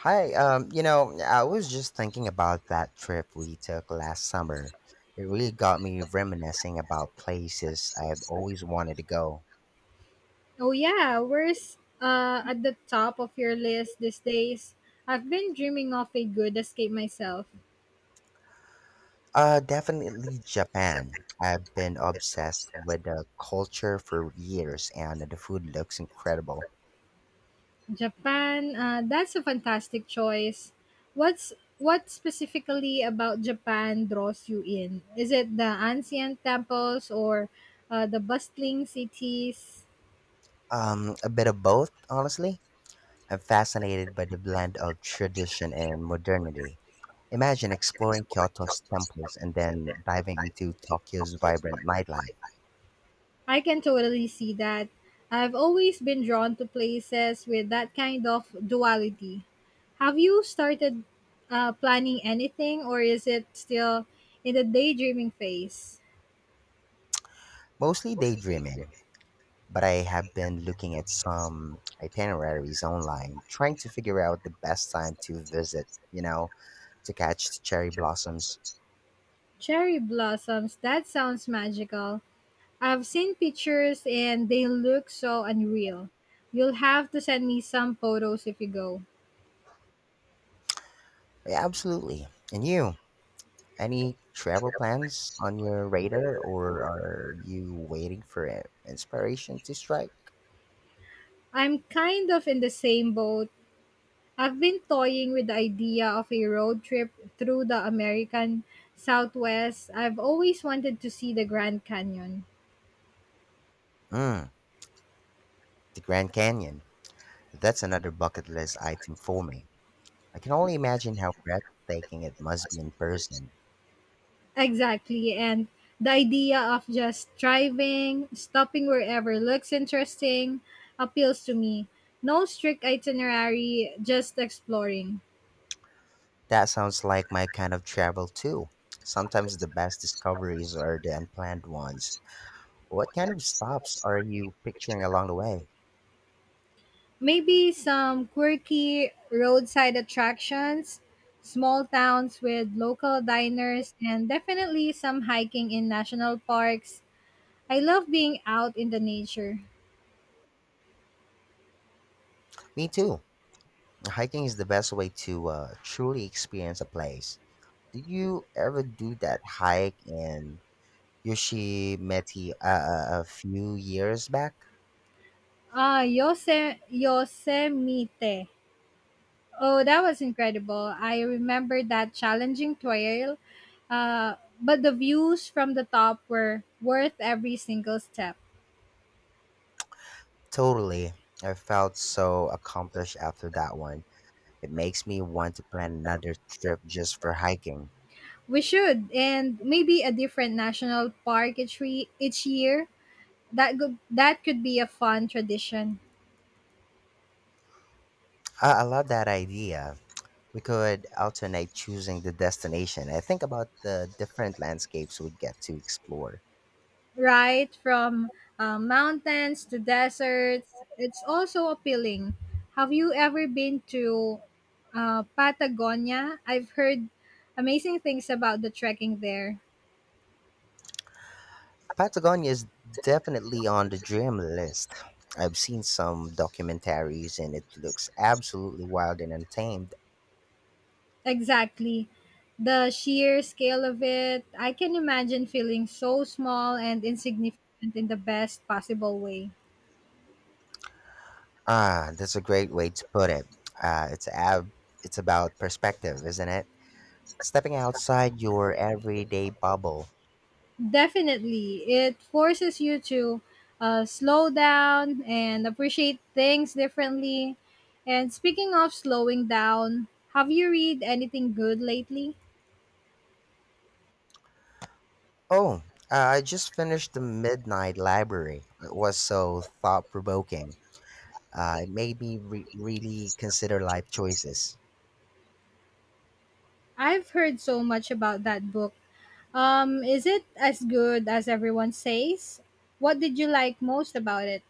Hi, I was just thinking about that trip we took last summer. It really got me reminiscing about places I've always wanted to go. Oh yeah, where's at the top of your list these days? I've been dreaming of a good escape myself. Definitely Japan. I've been obsessed with the culture for years, and the food looks incredible. Japan, that's a fantastic choice. What specifically about Japan draws you in? Is it the ancient temples or the bustling cities? A bit of both, honestly. I'm fascinated by the blend of tradition and modernity. Imagine exploring Kyoto's temples and then diving into Tokyo's vibrant nightlife. I can totally see that. I've always been drawn to places with that kind of duality. Have you started planning anything, or is it still in the daydreaming phase? Mostly daydreaming, but I have been looking at some itineraries online, trying to figure out the best time to visit, to catch the cherry blossoms. Cherry blossoms, that sounds magical. I've seen pictures and they look so unreal. You'll have to send me some photos if you go. Yeah, absolutely. And you? Any travel plans on your radar, or are you waiting for inspiration to strike? I'm kind of in the same boat. I've been toying with the idea of a road trip through the American Southwest. I've always wanted to see the Grand Canyon. Mm, the Grand Canyon. That's another bucket list item for me. I can only imagine how breathtaking it must be in person. Exactly. And the idea of just driving, stopping wherever looks interesting, appeals to me. No strict itinerary, just exploring. That sounds like my kind of travel too. Sometimes the best discoveries are the unplanned ones. What kind of stops are you picturing along the way? Maybe some quirky roadside attractions, small towns with local diners, and definitely some hiking in national parks. I love being out in the nature. Me too. Hiking is the best way to truly experience a place. Did you ever do that hike in Yoshimeti a few years back? Ah, Yosemite. Oh, that was incredible. I remember that challenging trail, uh, but the views from the top were worth every single step. Totally. I felt so accomplished after that one. It makes me want to plan another trip just for hiking. We should, and maybe a different national park each year. That could be a fun tradition. I love that idea. We could alternate choosing the destination and think about the different landscapes we would get to explore. Right? From mountains to deserts. It's also appealing. Have you ever been to Patagonia? I've heard amazing things about the trekking there. Patagonia is definitely on the dream list. I've seen some documentaries and it looks absolutely wild and untamed. Exactly. The sheer scale of it, I can imagine feeling so small and insignificant in the best possible way. Ah, that's a great way to put it. Uh, it's ab- it's about perspective, isn't it? Stepping outside your everyday bubble. Definitely. It forces you to slow down and appreciate things differently. And speaking of slowing down, have you read anything good lately? Oh, I just finished The Midnight Library. It was so thought provoking. It made me really consider life choices. I've heard so much about that book. Is it as good as everyone says? What did you like most about it?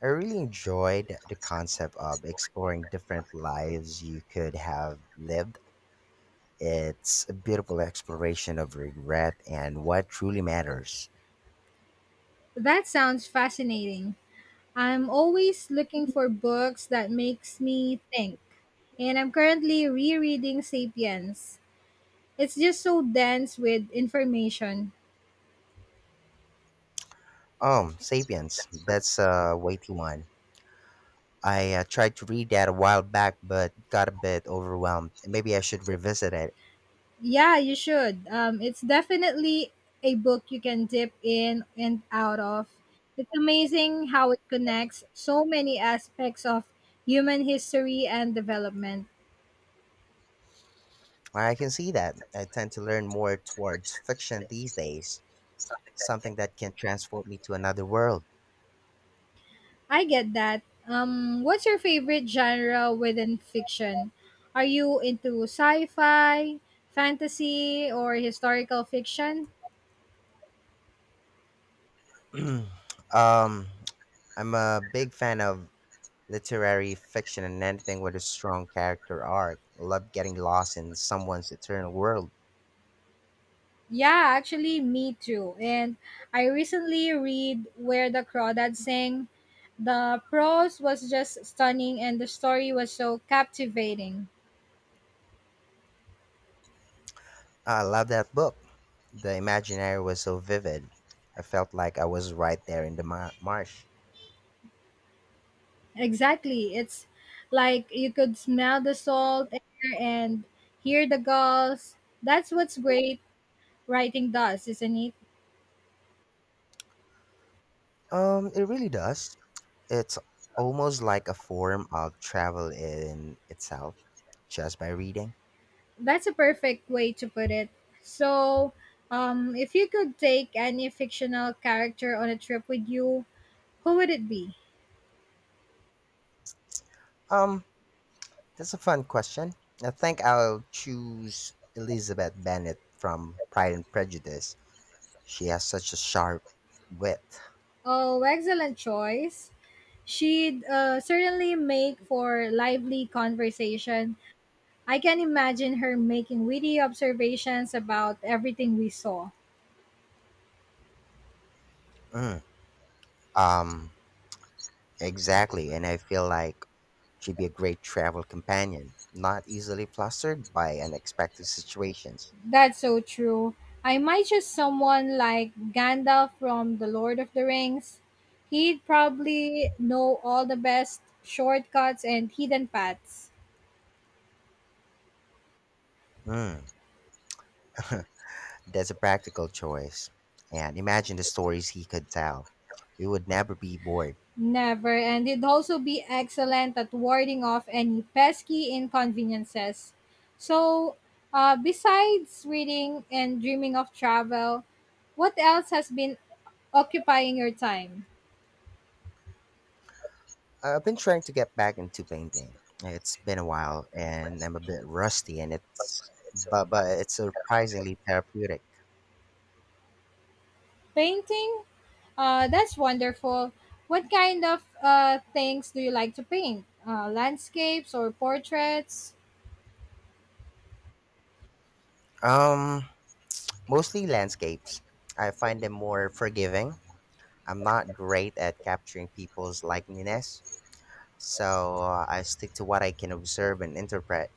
I really enjoyed the concept of exploring different lives you could have lived. It's a beautiful exploration of regret and what truly matters. That sounds fascinating. I'm always looking for books that makes me think. And I'm currently rereading Sapiens. It's just so dense with information. Sapiens, that's a weighty one. I tried to read that a while back, but got a bit overwhelmed. Maybe I should revisit it. Yeah, you should. It's definitely a book you can dip in and out of. It's amazing how it connects so many aspects of human history and development. I can see that. I tend to learn more towards fiction these days, something that can transport me to another world. I get that. What's your favorite genre within fiction? Are you into sci fi, fantasy, or historical fiction? um, I'm a big fan of literary fiction and anything with a strong character arc. Love getting lost in someone's eternal world. Yeah, actually, me too. And I recently read Where the Crawdads Sing. The prose was just stunning, and the story was so captivating. I love that book. The imaginary was so vivid. I felt like I was right there in the marsh. Exactly, it's like you could smell the salt air and hear the gulls. That's what's great writing does, isn't it? It really does. It's almost like a form of travel in itself, just by reading. That's a perfect way to put it. So, if you could take any fictional character on a trip with you, who would it be? Um, That's a fun question. I think I'll choose Elizabeth Bennet from Pride and Prejudice. She has such a sharp wit. Oh, excellent choice. She'd certainly make for lively conversation. I can imagine her making witty observations about everything we saw. Mm, Um, exactly, and I feel like she'd be a great travel companion, not easily flustered by unexpected situations. That's so true. I might just someone like Gandalf from The Lord of the Rings. He'd probably know all the best shortcuts and hidden paths. Mm. That's a practical choice. And imagine the stories he could tell. We would never be bored. Never, and it would also be excellent at warding off any pesky inconveniences. So, besides reading and dreaming of travel, what else has been occupying your time? I've been trying to get back into painting. It's been a while and I'm a bit rusty and it's but it's surprisingly therapeutic. Painting? That's wonderful. What kind of things do you like to paint? Landscapes or portraits? Um Mostly landscapes. I find them more forgiving. I'm not great at capturing people's likeliness, so I stick to what I can observe and interpret.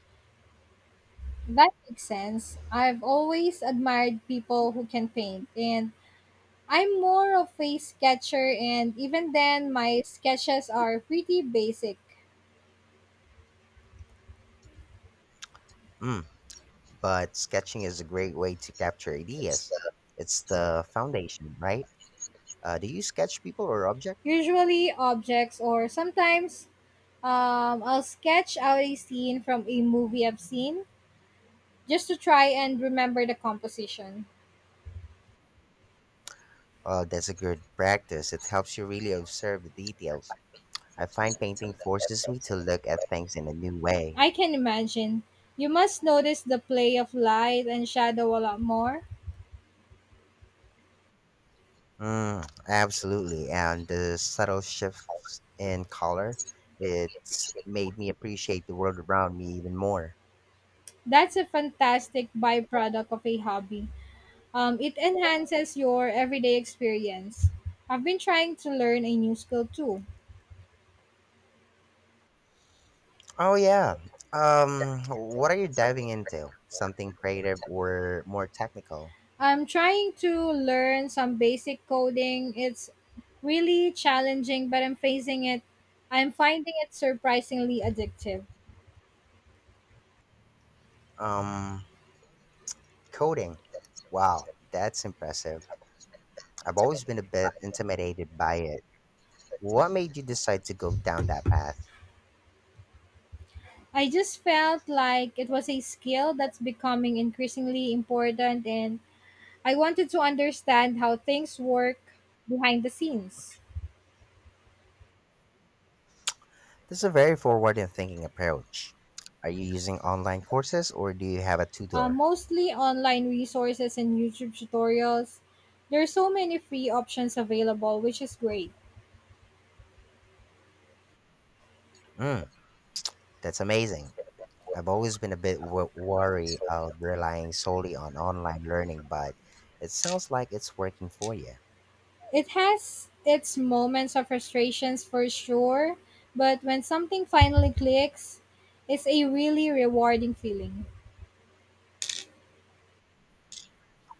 That makes sense. I've always admired people who can paint, and I'm more of a sketcher, and even then, my sketches are pretty basic. Mm, but sketching is a great way to capture ideas. It's the foundation, right? Do you sketch people or objects? Usually, objects, or sometimes I'll sketch out a scene from a movie I've seen just to try and remember the composition. Oh, that's a good practice. It helps you really observe the details. I find painting forces me to look at things in a new way. I can imagine. You must notice the play of light and shadow a lot more. Mm, absolutely. And the subtle shifts in color, it's made me appreciate the world around me even more. That's a fantastic byproduct of a hobby. It enhances your everyday experience. I've been trying to learn a new skill too. Oh, yeah. What are you diving into? Something creative or more technical? I'm trying to learn some basic coding. It's really challenging, but I'm facing it. I'm finding it surprisingly addictive. Um, Coding. Wow, that's impressive. I've always been a bit intimidated by it. What made you decide to go down that path? I just felt like it was a skill that's becoming increasingly important, and I wanted to understand how things work behind the scenes. That's a very forward and thinking approach. Are you using online courses or do you have a tutor? Mostly online resources and YouTube tutorials. There are so many free options available, which is great. Mm, that's amazing. I've always been a bit wary of relying solely on online learning, but it sounds like it's working for you. It has its moments of frustrations for sure, but when something finally clicks, it's a really rewarding feeling.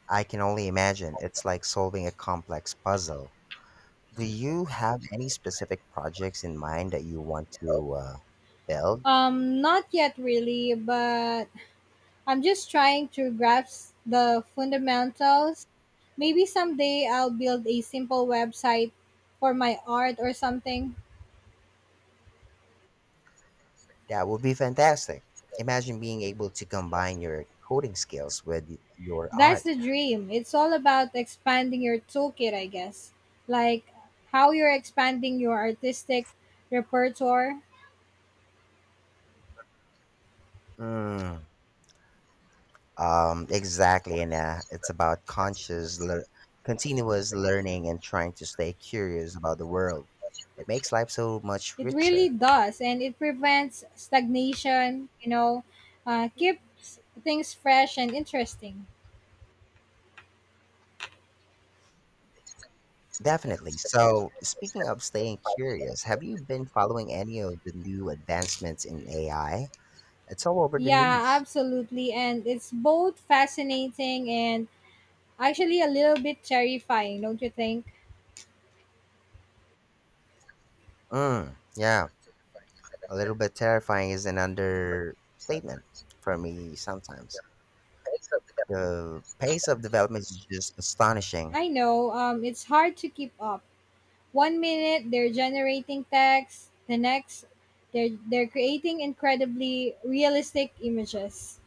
I can only imagine it's like solving a complex puzzle. Do you have any specific projects in mind that you want to build? Not yet really, but I'm just trying to grasp the fundamentals. Maybe someday I'll build a simple website for my art or something. That would be fantastic. Imagine being able to combine your coding skills with your That's art. the dream. It's all about expanding your toolkit, I guess. Like how you're expanding your artistic repertoire. Mm, exactly, and it's about conscious, lear continuous learning and trying to stay curious about the world. It makes life so much It really richer. does, and it prevents stagnation. You know, keeps things fresh and interesting. Definitely. So, speaking of staying curious, have you been following any of the new advancements in AI? It's all over the Yeah, news. absolutely, and it's both fascinating and actually a little bit terrifying, don't you think? Mm, yeah. A little bit terrifying is an understatement for me sometimes. The pace of development is just astonishing. I know, it's hard to keep up. One minute they're generating text, the next they're creating incredibly realistic images.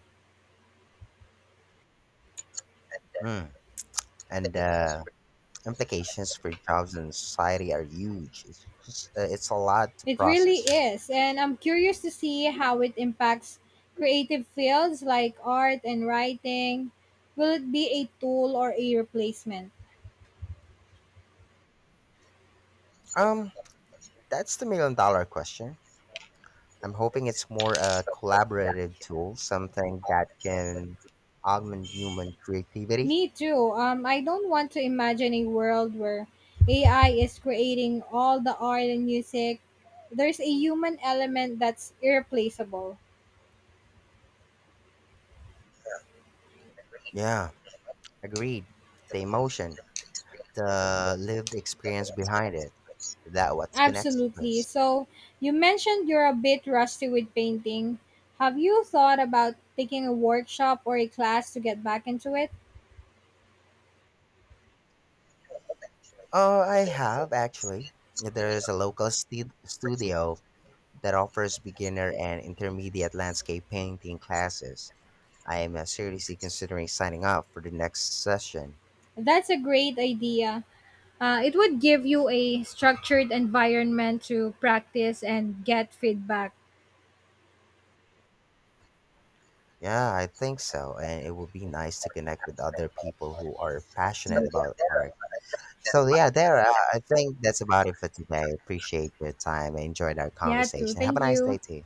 Mm. And the implications for jobs and society are huge. It's just, it's a lot to It really process. is, and I'm curious to see how it impacts creative fields like art and writing. Will it be a tool or a replacement? Um, that's the million-dollar question. I'm hoping it's more a collaborative tool, something that can augment human creativity. Me too. I don't want to imagine a world where AI is creating all the art and music. There's a human element that's irreplaceable. Yeah, agreed. The emotion. The lived experience behind it. That what connects Absolutely. us. So, you mentioned you're a bit rusty with painting. Have you thought about taking a workshop or a class to get back into it? Oh, I have actually. There is a local studio that offers beginner and intermediate landscape painting classes. I am seriously considering signing up for the next session. That's a great idea. It would give you a structured environment to practice and get feedback. Yeah, I think so. And it would be nice to connect with other people who are passionate about art. So, yeah, there, I think that's about it for today. Appreciate your time. I enjoyed our Yeah, too. conversation. Have a Thank nice you. day, too.